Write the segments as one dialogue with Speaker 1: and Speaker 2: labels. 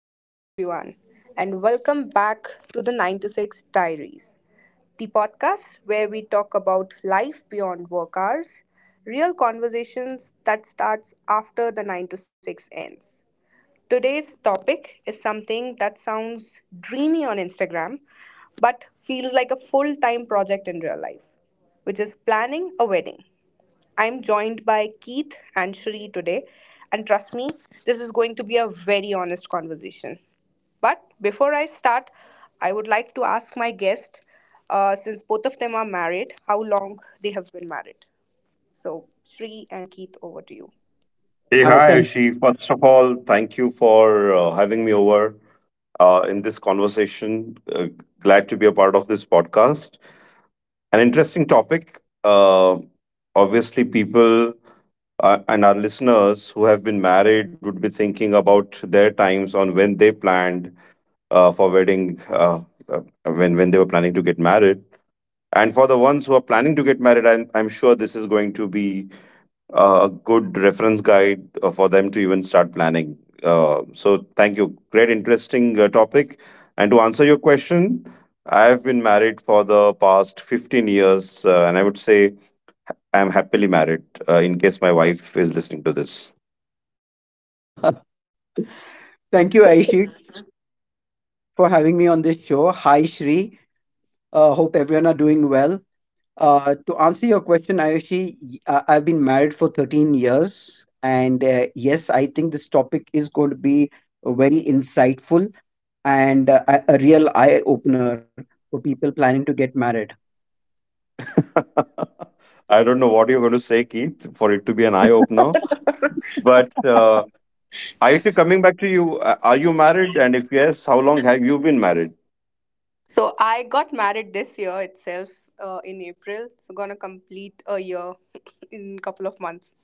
Speaker 1: Hello, everyone, and welcome back to the 9 to 6 Diaries, the podcast where we talk about life beyond work hours, real conversations that starts after the 9 to 6 ends. Today's topic is something that sounds dreamy on Instagram, but feels like a full time project in real life, which is planning a wedding. I'm joined by Keith and Shri today, and trust me, this is going to be a very honest conversation. But before I start, I would like to ask my guest, since both of them are married, how long they have been married. So, Shri and Keith, over to you.
Speaker 2: Hey, hi,
Speaker 3: Hi,
Speaker 2: Ayushi.
Speaker 3: thanks.
Speaker 2: First of all, thank you for having me over in this conversation. Glad to be a part of this podcast. An interesting topic. Obviously, people and our listeners who have been married would be thinking about their times on when they planned for wedding, uh, when they were planning to get married. And for the ones who are planning to get married, I'm sure this is going to be a good reference guide for them to even start planning. So, thank you. Great, interesting topic. And to answer your question, I have been married for the past 15 years, and I would say I'm happily married in case my wife is listening to this.
Speaker 3: Thank you, Aishi, for having me on this show. Hi, Shri. Hope everyone are doing well. To answer your question, Ayushi, I've been married for 13 years, and yes, I think this topic is going to be very insightful and a real eye opener for people planning to get married.
Speaker 2: I don't know what you're going to say, Keith, for it to be an eye opener. But Ayushi, coming back to you, are you married? And if yes, how long have you been married?
Speaker 1: So, I got married this year itself in April, so gonna complete a year in couple of months.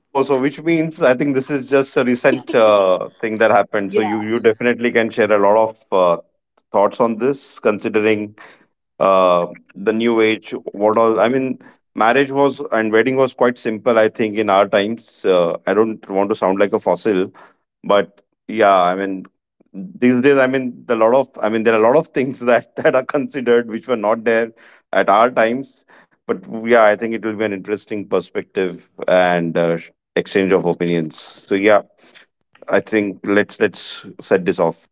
Speaker 2: Oh, so which means I think this is just a recent thing that happened. So you definitely can share a lot of thoughts on this, considering uh, the new age, what all, I mean, marriage was and wedding was quite simple, I think, in our times. I don't want to sound like a fossil, but yeah, I mean, these days, I mean, the lot of, I mean, there are a lot of things that that are considered which were not there at our times. But yeah, I think it will be an interesting perspective and exchange of opinions. So yeah, I think let's set this off.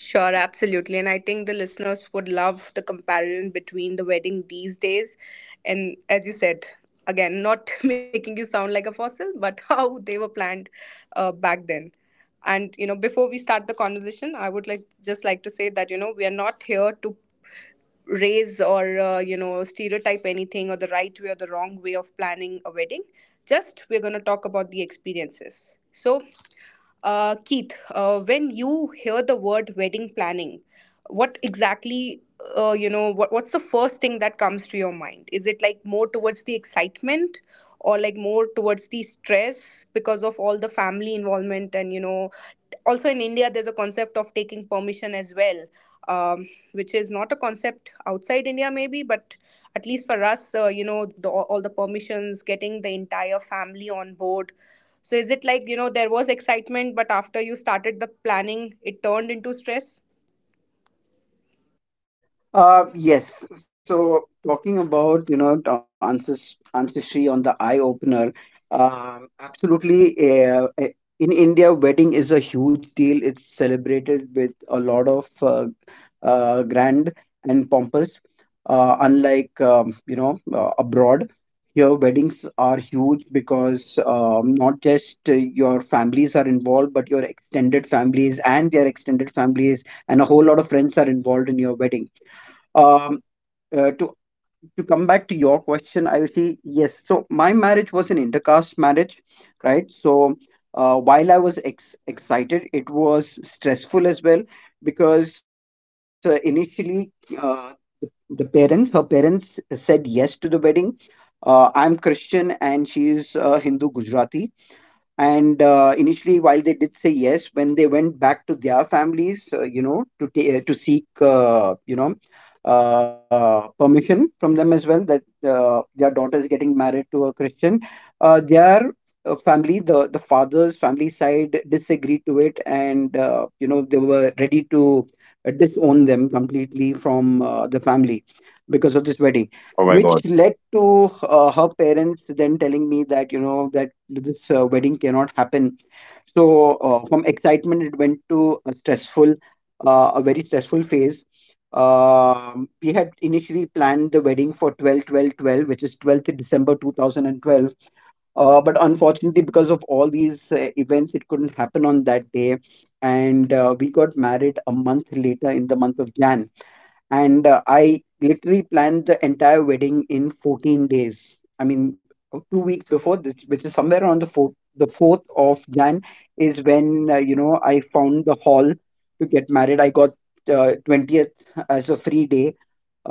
Speaker 1: Sure, absolutely. And I think the listeners would love the comparison between the wedding these days and, as you said, again, not making you sound like a fossil, but how they were planned back then. And, you know, before we start the conversation, I would like just like to say that, you know, we are not here to raise or you know stereotype anything, or the right way or the wrong way of planning a wedding. Just we're going to talk about the experiences. So Keith, when you hear the word wedding planning, what exactly, you know, what's the first thing that comes to your mind? Is it like more towards the excitement, or like more towards the stress because of all the family involvement, and, you know, also in India there's a concept of taking permission as well, which is not a concept outside India maybe, but at least for us, you know, all the permissions, getting the entire family on board. So is it like, you know, there was excitement, but after you started the planning it turned into stress?
Speaker 3: Yes. So talking about, you know, the ancestry on the eye opener, absolutely. In India, wedding is a huge deal. It's celebrated with a lot of grand and pompous. Unlike, you know, abroad, here weddings are huge because not just your families are involved, but your extended families and their extended families and a whole lot of friends are involved in your wedding. Um, uh, to to come back to your question, I will see yes. So my marriage was an intercaste marriage, right? So while I was excited, it was stressful as well because initially uh, the, her parents said yes to the wedding. I'm Christian and she is Hindu Gujarati, and initially, while they did say yes, when they went back to their families you know, to seek, you know, permission from them as well, that their daughter is getting married to a Christian, uh, their the father's family side disagreed to it. And you know, they were ready to disown them completely from the family because of this wedding,
Speaker 2: Oh my
Speaker 3: which
Speaker 2: god.
Speaker 3: led to her parents then telling me that this wedding cannot happen. From excitement, it went to a very stressful phase. We had initially planned the wedding for 12, 12, 12, which is 12th December 2012, but unfortunately, because of all these events, it couldn't happen on that day. And we got married a month later, in the month of Jan. And I literally planned the entire wedding in 14 days. I mean, 2 weeks before this, which is somewhere around the 4th of Jan, is when you know, I found the hall to get married. I got 20th as a free day,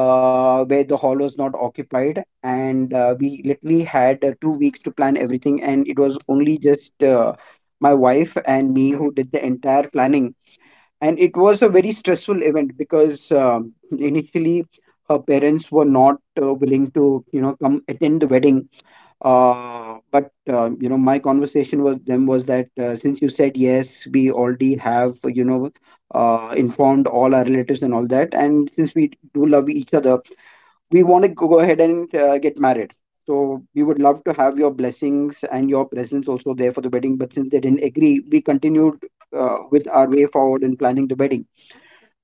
Speaker 3: where the hall was not occupied, and we literally had 2 weeks to plan everything, and it was only just. My wife and me who did the entire planning, and it was a very stressful event because initially her parents were not willing to, you know, come attend the wedding. But you know, my conversation was them was that since you said yes, we already have informed all our relatives and all that. And since we do love each other, we want to go ahead and get married, so we would love to have your blessings and your presence also there for the wedding. But since they didn't agree, we continued with our way forward in planning the wedding,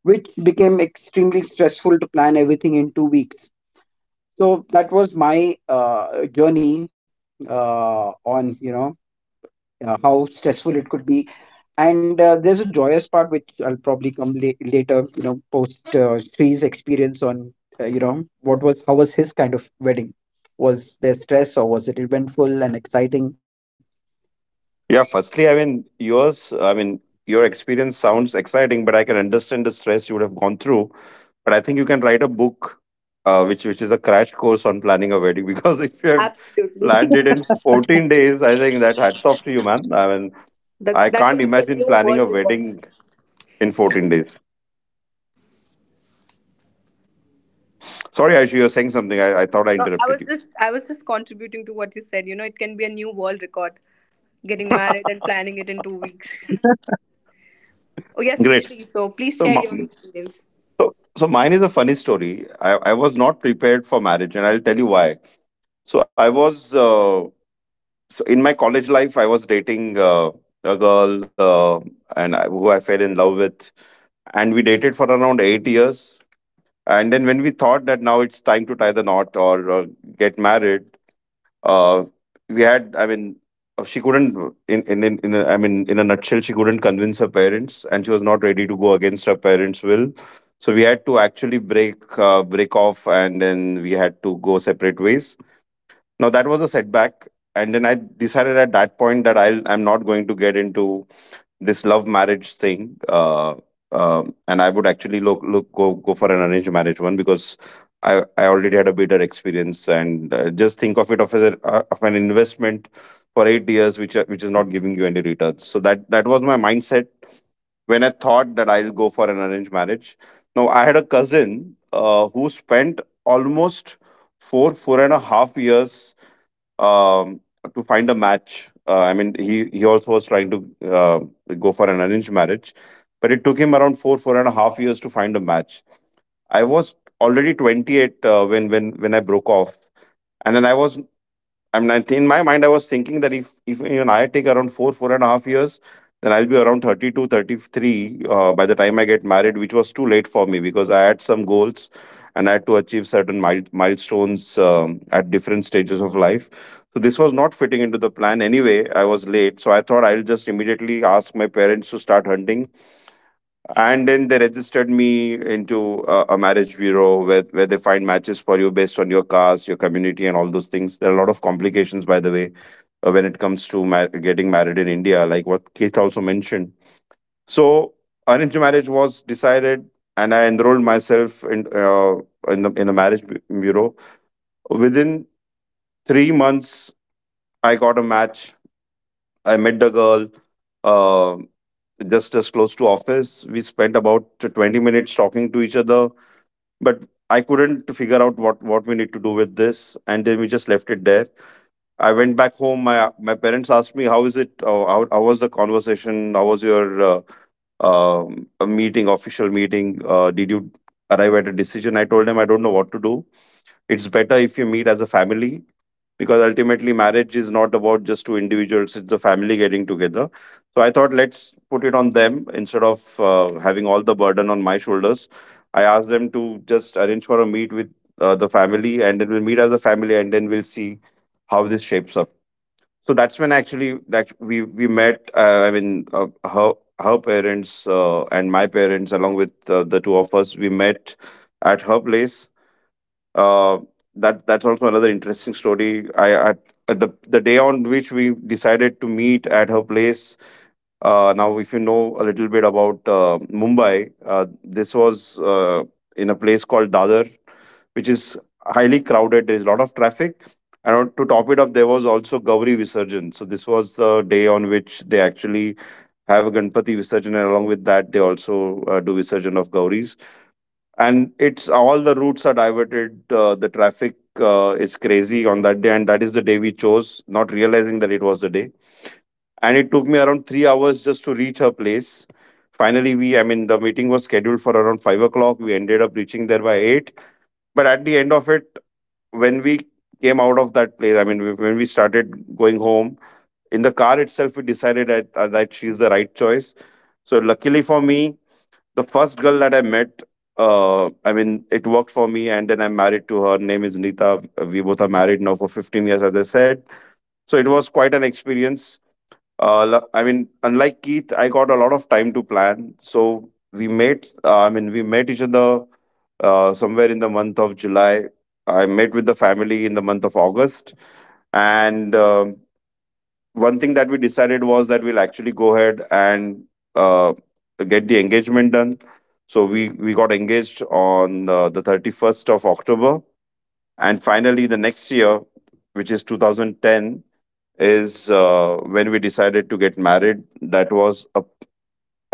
Speaker 3: which became extremely stressful to plan everything in 2 weeks. So that was my journey on you know how stressful it could be. And there's a joyous part which I'll probably come later. You know, post Sri's experience on, what was how was his kind of wedding? Was there stress, or was it eventful and exciting?
Speaker 2: Yeah, firstly, I mean, yours, I mean, your experience sounds exciting, but I can understand the stress you would have gone through. But I think you can write a book, which is a crash course on planning a wedding. Because if you have
Speaker 1: Absolutely.
Speaker 2: planned it in 14 days, I think that hats off to you, man. I mean,
Speaker 1: that
Speaker 2: I
Speaker 1: that
Speaker 2: can't
Speaker 1: can be a
Speaker 2: imagine
Speaker 1: new
Speaker 2: planning
Speaker 1: world
Speaker 2: a
Speaker 1: record.
Speaker 2: wedding in 14 days. Sorry, Ayush, you were saying something. I thought I
Speaker 1: No,
Speaker 2: interrupted you.
Speaker 1: I was just contributing to what you said. You know, it can be a new world record, getting married and planning it in 2 weeks. Oh, yes,
Speaker 2: Great.
Speaker 1: Shri. So please
Speaker 2: So,
Speaker 1: share your experience.
Speaker 2: so, mine is a funny story. I was not prepared for marriage, and I'll tell you why. So I was so in my college life, I was dating uh, a girl, who I fell in love with, and we dated for around 8 years. And then when we thought that now it's time to the knot or get married, uh, we had, I mean, she couldn't, I mean, in a nutshell, she couldn't convince her parents, and she was not ready to go against her parents' will. So we had to actually break off, and then we had to go separate ways. Now that was a setback, and then I decided at that point that I'm not going to get into this love marriage thing. And I would actually look look go go for an arranged marriage, one because I already had a better experience, and just think of it of as of an investment for 8 years, which which is not giving you any returns. So that was my mindset when I thought that I'll go for an arranged marriage. Now I had a cousin who spent almost 4.5 years um, to find a match. I mean, he also was trying to go for an arranged marriage, but it took him around 4.5 years to find a match. I was already 28 when I broke off, and then I'm 19. In my mind, I was thinking that if even I take around 4.5 years, then I'll be around 32, 33 by the time I get married, which was too late for me because I had some goals, and I had to achieve certain milestones at different stages of life. So this was not fitting into the plan anyway. I was late. So I thought I'll just immediately ask my parents to start hunting, and then they registered me into a marriage bureau, where they find matches for you based on your caste, your community, and all those things. There are a lot of complications, by the way, when it comes to getting married in India, like what Keith also mentioned. So arranged marriage was decided, and I enrolled myself in the marriage bureau. Within 3 months, I got a match. I met the girl uh, just as close to office. We spent about 20 minutes talking to each other, but I couldn't figure out what we need to do with this, and then we just left it there. I went back home. My parents asked me, "How is it? How was the conversation? How was your a meeting, official meeting? Did you arrive at a decision?" I told them, "I don't know what to do. It's better if you meet as a family, because ultimately marriage is not about just two individuals. It's the family getting together." So I thought let's put it on them instead of having all the burden on my shoulders. I asked them to just arrange for a meet with the family, and then we'll meet as a family, and then we'll see how this shapes up. So that's when actually that we met. I mean, her parents and my parents, along with the two of us, we met at her place. uh, that's also another interesting story. I at the day on which we decided to meet at her place. Now, if you know a little bit about Mumbai, this was in a place called Dadar, which is highly crowded. There's a lot of traffic. And to top it up, there was also Gauri Visarjan. So this was the day on which they actually have a Ganpati Visarjan, and along with that, they also do Visarjan of Gauris. And it's all the routes are diverted. The traffic is crazy on that day, and that is the day we chose, not realizing that it was the day. And it took me around 3 hours just to reach her place. Finally, we I mean the meeting was scheduled for around 5 o'clock. We ended up reaching there by 8. But at the end of it, when we came out of that place, I mean, when we started going home, in the car itself, we decided that she's the right choice. So luckily for me, the first girl that I met, I mean, it worked for me, and then I'm married to her. Name is Nita. We both are married now for 15 years, as I said. So it was quite an experience. I mean, unlike Keith, I got a lot of time to plan. So we met. I mean, we met each other somewhere in the month of July. I met with the family in the month of August, and one thing that we decided was that we'll actually go ahead and uh, get the engagement done. So we got engaged on the 31st of October, and finally the next year, which is 2010, is when we decided to get married.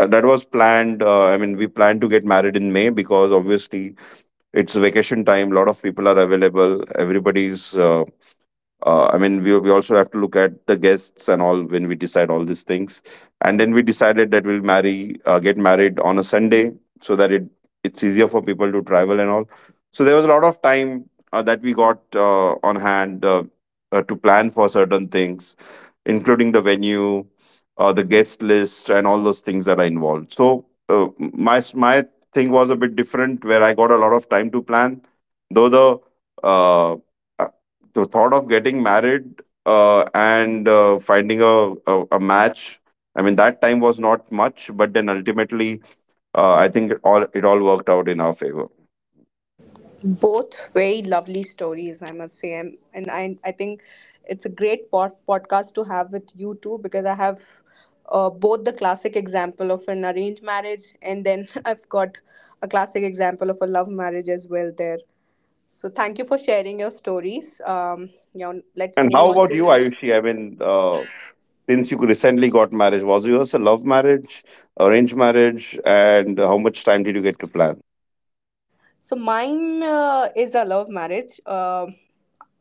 Speaker 2: That was planned. I mean, we planned to get married in May because obviously it's vacation time. A lot of people are available. Everybody's I mean, we also have to look at the guests and all when we decide all these things. And then we decided that we'll marry get married on a Sunday so that it's easier for people to travel and all. So there was a lot of time that we got on hand to plan for certain things, including the venue, the guest list, and all those things that are involved. So my thing was a bit different, where I got a lot of time to plan. Though uh, uh, the thought of getting married and finding a match, I mean that time was not much, but then ultimately, I think it all worked out in our favor.
Speaker 1: Both very lovely stories, I must say. And, I think it's a great podcast to have with you too because I have both the classic example of an arranged marriage, and then I've got a classic example of a love marriage as well there. So thank you for sharing your stories. Now let's
Speaker 2: And
Speaker 1: move
Speaker 2: how
Speaker 1: on
Speaker 2: about you,
Speaker 1: to.
Speaker 2: Ayushi? I mean, since you recently got married, was yours a love marriage, arranged marriage, and how much time did you get to plan?
Speaker 1: So mine is a love marriage,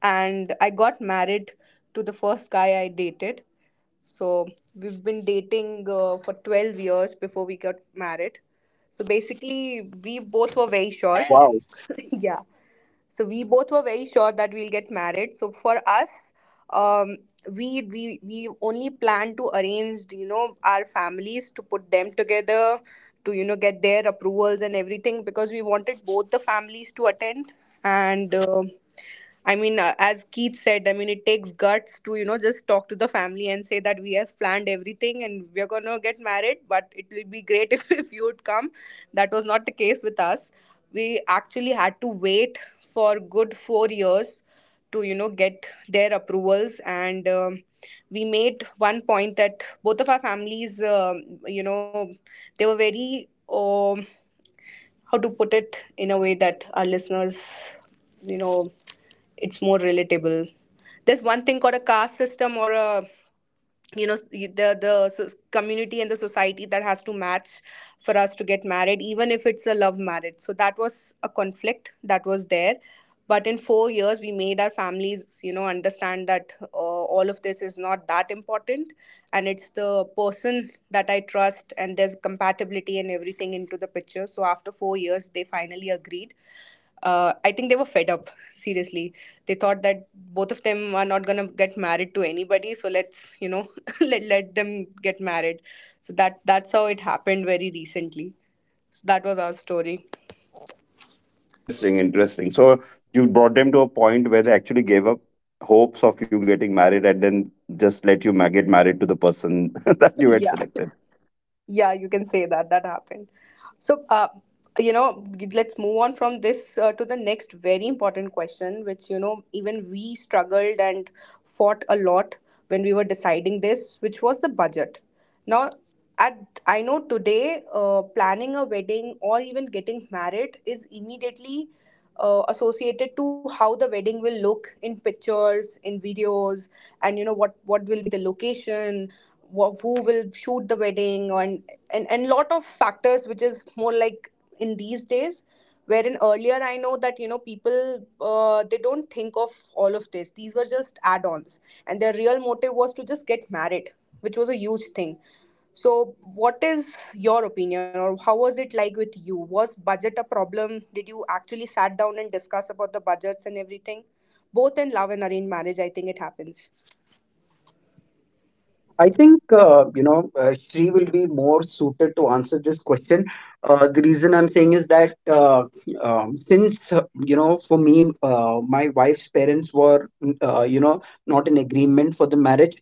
Speaker 1: and I got married to the first guy I dated. So we've been dating for 12 years before we got married. So basically, we both were very short. Yeah, so we both were very sure that we'll get married. So for us, um, we only planned to arrange, you know, our families, to put them together, to, you know, get their approvals and everything, because we wanted both the families to attend and. I mean, as Keith said, I mean, it takes guts to, you know, just talk to the family and say that we have planned everything and we're going to get married, but it will be great if you would come. That was not the case with us. We actually had to wait for good 4 years to, you know, get their approvals. And we made one point that both of our families, you know, they were very, how to put it in a way that our listeners, you know, it's more relatable. There's one thing called a caste system, or a, you know, the community and the society that has to match for us to get married even if it's a love marriage. So that was a conflict that was there. But in 4 years we made our families, you know, understand that all of this is not that important, and it's the person that I trust, and there's compatibility and everything into the picture. So after 4 years they finally agreed. I think they were fed up, seriously. They thought that both of them are not gonna get married to anybody, so let's, you know, let them get married. So that's how it happened, very recently. So that was our story.
Speaker 2: Interesting, interesting. So you brought them to a point where they actually gave up hopes of you getting married and then just let you get married to the person that you
Speaker 1: Yeah.
Speaker 2: had selected.
Speaker 1: Yeah, you can say that. That happened. So, you know, let's move on from this to the next very important question, which, you know, even we struggled and fought a lot when we were deciding this, which was the budget. Now, at I know today, planning a wedding, or even getting married, is immediately associated to how the wedding will look in pictures, in videos, and, you know, what will be the location, who will shoot the wedding, and, lot of factors, which is more like in these days, wherein earlier I know that, you know, people, they don't think of all of this. These were just add-ons, and their real motive was to just get married, which was a huge thing. So what is your opinion, or how was it like with you? Was budget a problem? Did you actually sat down and discuss about the budgets and everything, both in love and arranged marriage? I think it happens.
Speaker 3: I think you know, Shri will be more suited to answer this question. The reason I'm saying is that since you know, for me, my wife's parents were not in agreement for the marriage.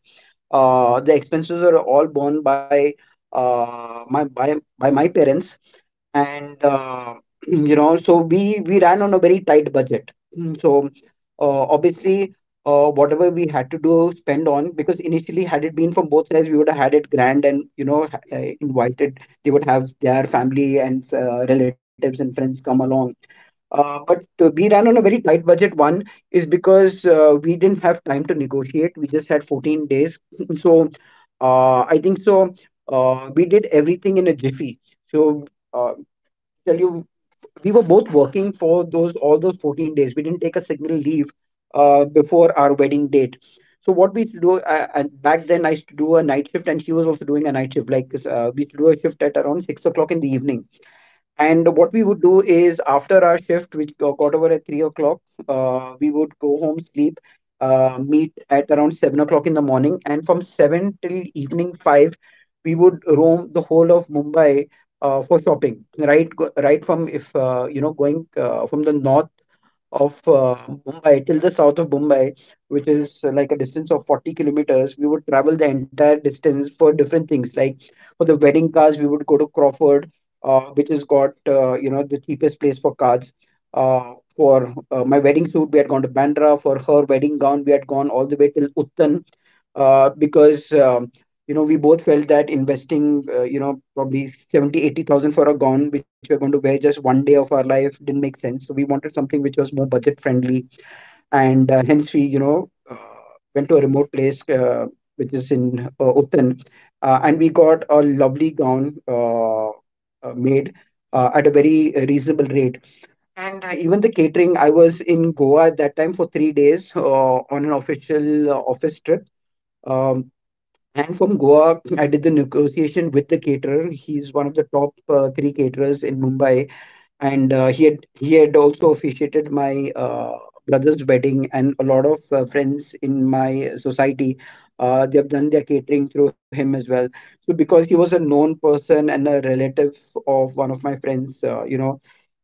Speaker 3: The expenses are all borne uh, my by, by my parents, and so we ran on a very tight budget. So obviously, whatever we had to do spend on, because initially, had it been from both sides, we would have had it grand and, you know, invited — they would have their family and relatives and friends come along. But we ran on a very tight budget. One is because we didn't have time to negotiate, we just had 14 days. So I think so. We did everything in a jiffy. So uh, tell you, we were both working for those all those 14 days. We didn't take a single leave before our wedding date. So what we used to do, back then, I used to do a night shift, and she was also doing a night shift. Like, we used to do a shift at around 6 o'clock in the evening. And what we would do is, after our shift, which got over at 3 o'clock, we would go home, sleep, meet at around 7 o'clock in the morning, and from 7 till evening 5, we would roam the whole of Mumbai for shopping. Right from — if you know, going from the north of Mumbai till the south of Mumbai, which is like a distance of 40 kilometers, we would travel the entire distance for different things. Like, for the wedding cars, we would go to Crawford, which has got, you know, the cheapest place for cars. For my wedding suit, we had gone to Bandra. For her wedding gown, we had gone all the way till Uttan, because you know, we both felt that investing, probably 70, 80,000 for a gown which we're going to wear just one day of our life, didn't make sense. So we wanted something which was more budget friendly, and hence we, went to a remote place, which is in Utan, and we got a lovely gown made at a very reasonable rate. And even the catering — I was in Goa at that time for 3 days, on an official office trip. Um, and from Goa, I did the negotiation with the caterer. He's one of the top three caterers in Mumbai, and he had also officiated my brother's wedding, and a lot of friends in my society. They have done their catering through him as well. So, because he was a known person and a relative of one of my friends, uh, you know,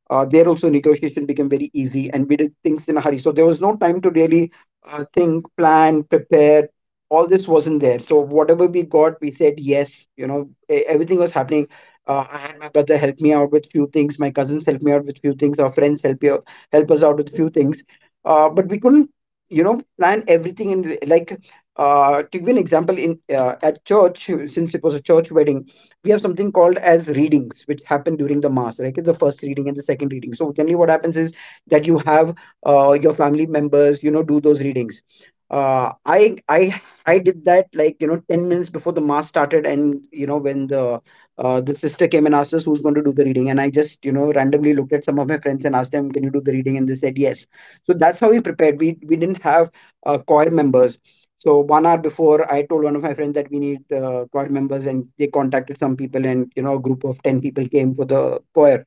Speaker 3: uh, there also negotiation became very easy. And we did things in a hurry, so there was no time to really think, plan, prepare — all this wasn't there. So whatever we got, we said yes. Everything was happening. I had my brother help me out with few things, my cousins help me out with few things, our friends help us out with few things. But we couldn't, you know, plan everything in, like, to give you an example, in at church — since it was a church wedding, we have something called as readings which happen during the mass. Right, it's the first reading and the second reading. So generally what happens is that you have your family members, you know, do those readings. Uh, I I I did that, 10 minutes before the mass started, and, you know, when the the sister came and asked us who's going to do the reading, and I just, you know, randomly looked at some of my friends and asked them, "Can you do the reading?" And they said yes. So that's how we prepared. We didn't have choir members. So 1 hour before, I told one of my friends that we need choir members, and they contacted some people, and, you know, a group of 10 people came for the choir.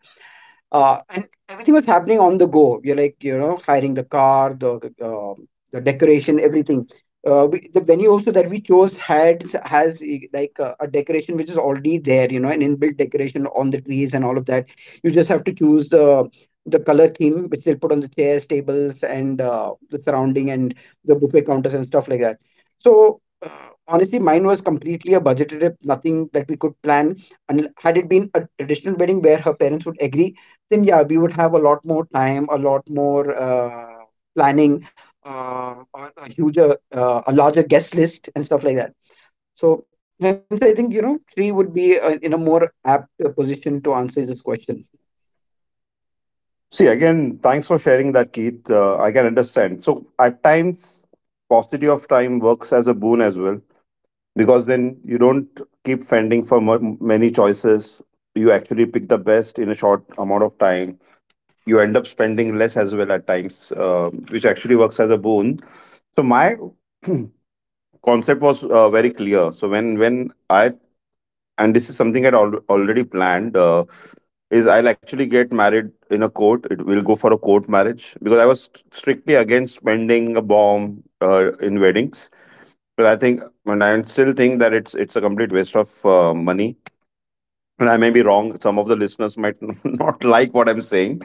Speaker 3: And everything was happening on the go. You're, like, you know, hiring the car, the uh, the decoration, everything. The venue also that we chose had has, like, a decoration which is already there, you know, an inbuilt decoration on the trees and all of that. You just have to choose the color theme which they'll put on the chairs, tables, and the surrounding and the buffet counters and stuff like that. So honestly, mine was completely a budget trip, nothing that we could plan. And had it been a traditional wedding where her parents would agree, then yeah, we would have a lot more time, a lot more planning, a larger guest list, and stuff like that. So hence, I think, you know, three would be in a more apt position to answer this question.
Speaker 2: See, again, thanks for sharing that, Keith. I can understand. So, at times, paucity of time works as a boon as well, because then you don't keep fending for many choices. You actually pick the best in a short amount of time. You end up spending less as well at times, which actually works as a boon. So, my concept was very clear. So, when I— and this is something I'd already planned. Is I'll actually get married in a court. It will go for a court marriage because I was strictly against spending a bomb in weddings. But I think, and I still think that it's a complete waste of money. And I may be wrong. Some of the listeners might not like what I'm saying,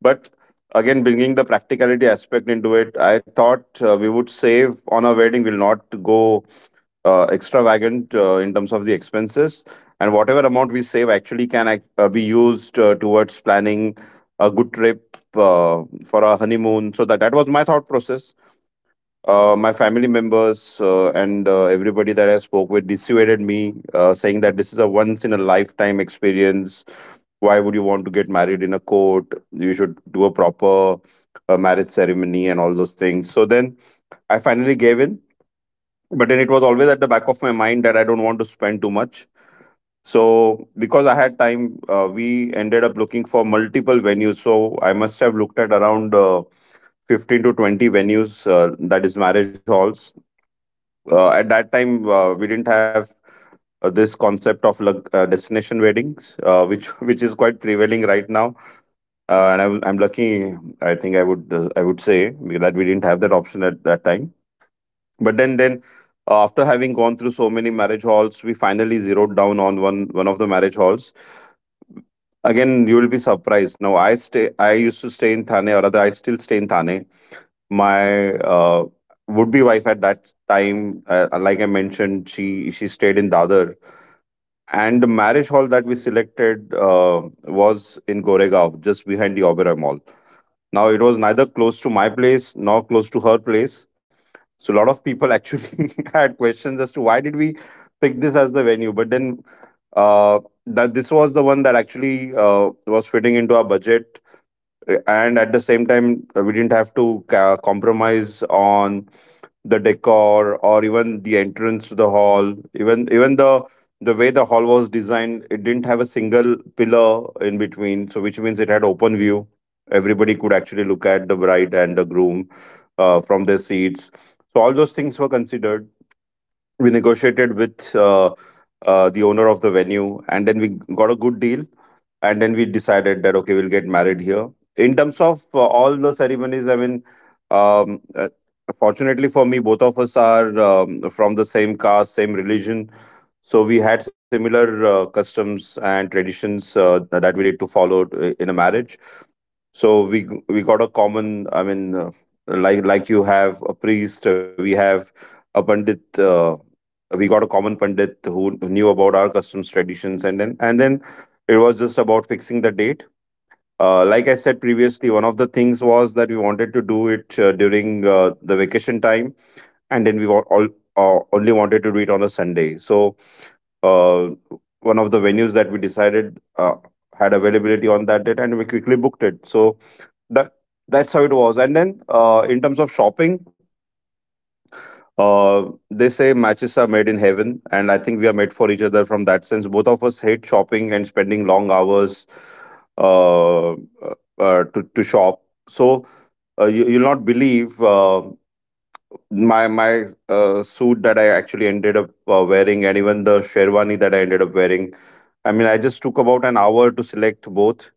Speaker 2: but again, bringing the practicality aspect into it, I thought we would save on our wedding. We'll not go extravagant in terms of the expenses, and whatever amount we save actually can be used towards planning a good trip for our honeymoon. So that that was my thought process. My family members and everybody that I spoke with dissuaded me saying that this is a once in a lifetime experience. Why would you want to get married in a court? You should do a proper marriage ceremony and all those things. So then I finally gave in, but then it was always at the back of my mind that I don't want to spend too much. So because I had time, we ended up looking for multiple venues. So I must have looked at around 15 to 20 venues, that is marriage halls. At that time, we didn't have this concept of destination weddings, which which is quite prevailing right now. And I'm lucky. I think I would say that we didn't have that option at that time. But then after having gone through so many marriage halls, we finally zeroed down on one of the marriage halls. Again, you will be surprised, now I stay I used to stay in Thane, or rather I still stay in Thane. My uh, would be wife at that time, like I mentioned, she stayed in Dadar. And the marriage hall that we selected was in Goregaon, just behind the Oberoi Mall. Now it was neither close to my place nor close to her place, so a lot of people actually had questions as to why did we pick this as the venue. But then uh, that this was the one that actually was fitting into our budget, and at the same time we didn't have to compromise on the decor or even the entrance to the hall. Even the way the hall was designed, it didn't have a single pillar in between. So which means it had open view, everybody could actually look at the bride and the groom from their seats. So all those things were considered. We negotiated with the owner of the venue, and then we got a good deal, and then we decided that okay, we'll get married here. In terms of all the ceremonies, I mean, um, uh, fortunately for me, both of us are from the same caste, same religion, so we had similar customs and traditions that we need to follow in a marriage. So we got a common, I mean, like you have a priest, we have a pandit. We got a common pandit who knew about our customs, traditions, and then, and then it was just about fixing the date. Like I said previously, one of the things was that we wanted to do it during the vacation time, and then we wa- all only wanted to do it on a Sunday. So uh, one of the venues that we decided had availability on that date, and we quickly booked it. So that that's how it was. And then in terms of shopping, they say matches are made in heaven, and I think we are made for each other. From that sense, both of us hate shopping and spending long hours uh, uh, to shop. So you, you'll not believe my suit that I actually ended up wearing, and even the sherwani that I ended up wearing, I mean, I just took about an hour to select both.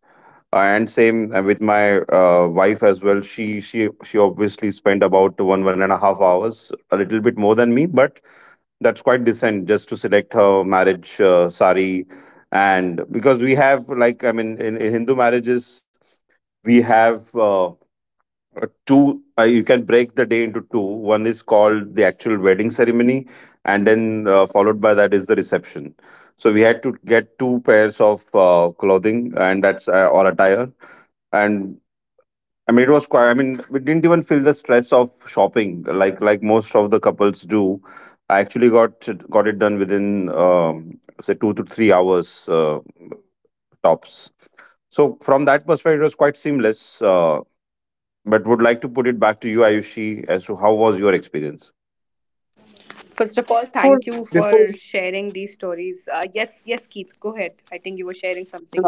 Speaker 2: And same with my wife as well. She obviously spent about 1.5 hours, a little bit more than me, but that's quite decent, just to select her marriage sari. And because we have, like, I mean, in Hindu marriages, we have two, you can break the day into two. One is called the actual wedding ceremony, and then followed by that is the reception. So we had to get two pairs of clothing, and that's or attire. And I mean, it was quite— I mean, we didn't even feel the stress of shopping like most of the couples do. I actually got it done within um, say 2 to 3 hours tops. So from that perspective, it was quite seamless. But would like to put it back to you, Ayushi, as to how was your experience?
Speaker 1: First of all,
Speaker 3: Before
Speaker 1: thank you
Speaker 3: before
Speaker 1: for sharing these stories. Yes, yes, Keith, go ahead. I think you were sharing something.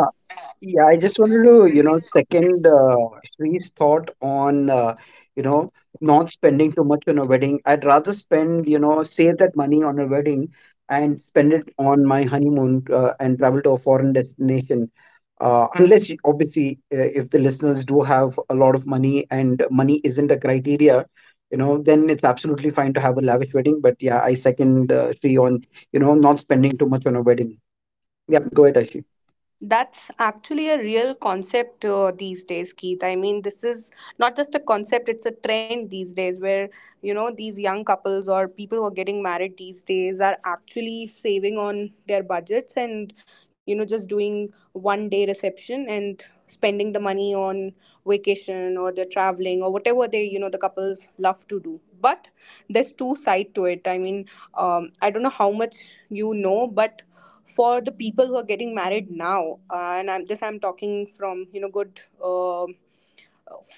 Speaker 3: Yeah, I just wanted to, you know, second Sri's thought on, you know, not spending too much on a wedding. I'd rather save that money on a wedding and spend it on my honeymoon, and travel to a foreign destination. Unless, you- obviously, if the listeners do have a lot of money and money isn't a criteria, you know, then it's absolutely fine to have a lavish wedding. But yeah, I second Sri on, you know, not spending too much on a wedding. Yeah, go ahead, Ashi.
Speaker 1: That's actually a real concept these days, Keith. I mean, this is not just a concept, it's a trend these days where, you know, these young couples or people who are getting married these days are actually saving on their budgets and, you know, just doing one day reception and spending the money on vacation, or they're traveling, or whatever they, you know, the couples love to do. But there's two side to it. I mean, I don't know how much you know, but for the people who are getting married now, and I'm talking from, you know, good, um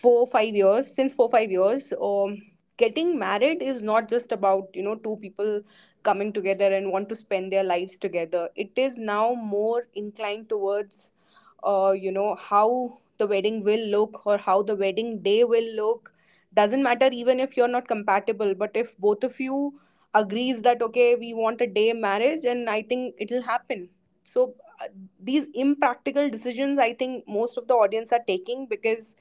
Speaker 1: 4, 5 years, since 4, 5 years, getting married is not just about, you know, two people coming together and want to spend their lives together. It is now more inclined towards, you know, how the wedding will look, or how the wedding day will look. Doesn't matter even if you're not compatible, but if both of you agrees that okay, we want a day marriage, and I think it'll happen. So uh, these impractical decisions, I think most of the audience are taking, because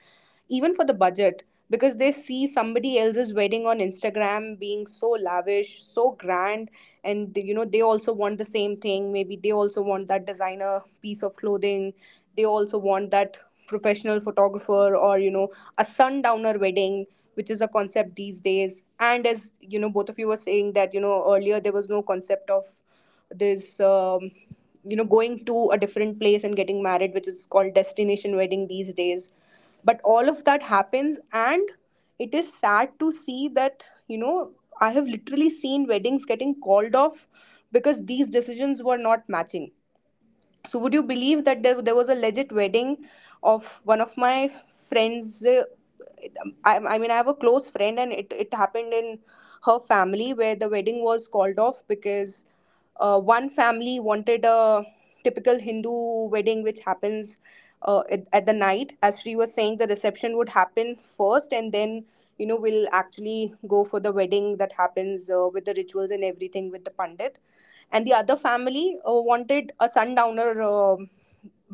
Speaker 1: even for the budget, because they see somebody else's wedding on Instagram being so lavish, so grand, and, you know, they also want the same thing. Maybe they also want that designer piece of clothing. They also want that professional photographer, or, you know, a sundowner wedding, which is a concept these days. And, as you know, both of you were saying that, you know, earlier there was no concept of this, you know, going to a different place and getting married, which is called destination wedding these days. But all of that happens, and it is sad to see that, you know, I have literally seen weddings getting called off because these decisions were not matching. So would you believe that there was a legit wedding of one of my friends? I mean, I have a close friend, and it happened in her family, where the wedding was called off because one family wanted a typical Hindu wedding, which happens at the night. As she was saying, the reception would happen first, and then, you know, we'll actually go for the wedding that happens with the rituals and everything with the pandit. And the other family wanted a sundowner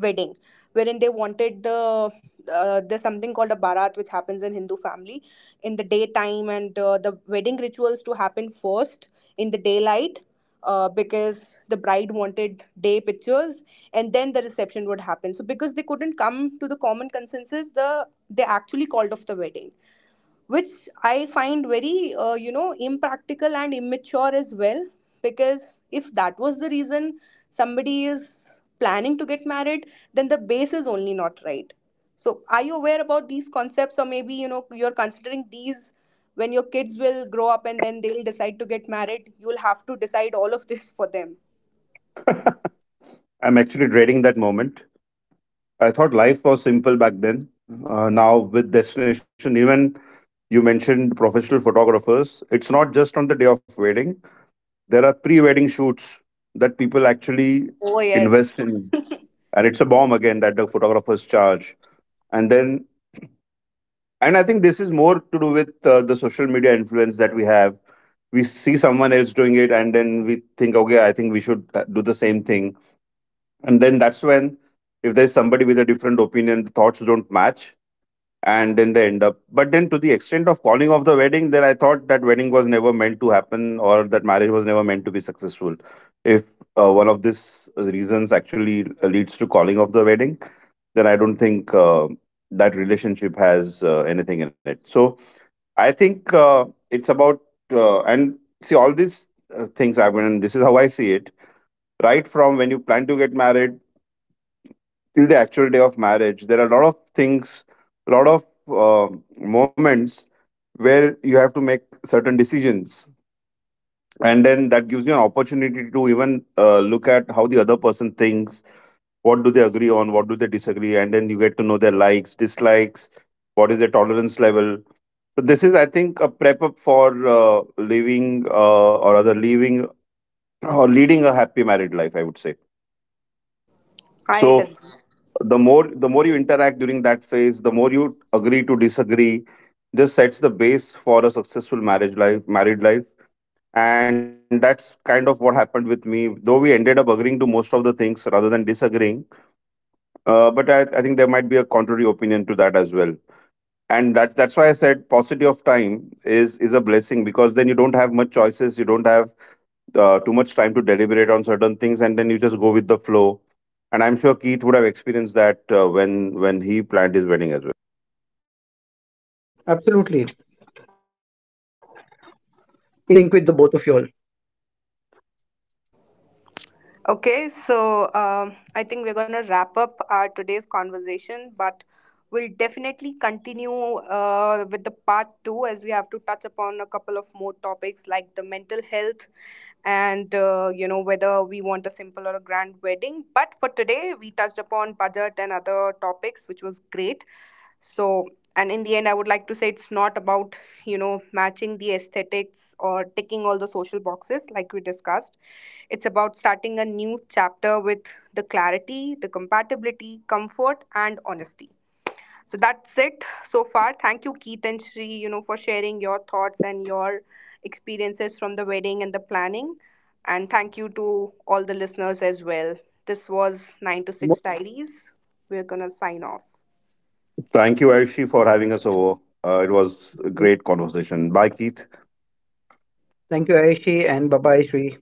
Speaker 1: wedding, wherein they wanted the, there's something called a barat which happens in Hindu family in the daytime, and the wedding rituals to happen first in the daylight, because the bride wanted day pictures, and then the reception would happen. So because they couldn't come to the common consensus, they actually called off the wedding, which I find very, you know, impractical and immature as well. Because if that was the reason somebody is planning to get married, then the base is only not right. So are you aware about these concepts? Or maybe, you know, you're considering these when your kids will grow up and then they'll decide to get married. You'll have to decide all of this for them.
Speaker 2: I'm actually dreading that moment. I thought life was simple back then. Now with destination, even you mentioned professional photographers. It's not just on the day of wedding. There are pre-wedding shoots that people actually
Speaker 1: Oh yes,
Speaker 2: invest in, and it's a bomb again that the photographers charge. And then, and I think this is more to do with the social media influence that we have. We see someone else doing it, and then we think, okay, I think we should do the same thing. And then that's when, if there's somebody with a different opinion, the thoughts don't match, and then they end up— but then to the extent of calling off the wedding, then I thought that wedding was never meant to happen, or that marriage was never meant to be successful. If one of these reasons actually leads to calling off the wedding, then I don't think that relationship has anything in it. So I think it's about and see, all these things mean— this is how I see it. Right from when you plan to get married till the actual day of marriage, there are a lot of things, a lot of moments where you have to make certain decisions, and then that gives you an opportunity to even look at how the other person thinks, what do they agree on, what do they disagree, and then you get to know their likes, dislikes, what is their tolerance level. So this is, I think, a prep up for living or other leaving, or leading, a happy married life, I would say.
Speaker 1: I
Speaker 2: So
Speaker 1: did.
Speaker 2: the more you interact during that phase, the more you agree, disagree, just sets the base for a successful marriage life married life. And that's kind of what happened with me, though we ended up agreeing to most of the things rather than disagreeing. But I think there might be a contrary opinion to that as well. And that that's why I said paucity of time is a blessing, because then you don't have much choices, you don't have too much time to deliberate on certain things, and then you just go with the flow. And I'm sure Keith would have experienced that when he planned his wedding as well.
Speaker 3: Absolutely. In sync with the both of you all.
Speaker 1: Okay, so I think we're going to wrap up our today's conversation, but we'll definitely continue with the part two, as we have to touch upon a couple of more topics like the mental health and, you know, whether we want a simple or a grand wedding. But for today we touched upon budget and other topics, which was great. So, and in the end, I would like to say, it's not about, you know, matching the aesthetics, or ticking all the social boxes like we discussed. It's about starting a new chapter with the clarity, the compatibility, comfort and honesty. So that's it so far. Thank you, Keith and Shri, you know, for sharing your thoughts and your experiences from the wedding and the planning. And thank you to all the listeners as well. This was 9 to
Speaker 3: Mo-
Speaker 1: 6 Diaries. We're going to sign off.
Speaker 2: Thank you, Ayushi, for having us over. It was a great conversation. Bye, Keith.
Speaker 3: Thank you, Ayushi, and bye bye, Sri.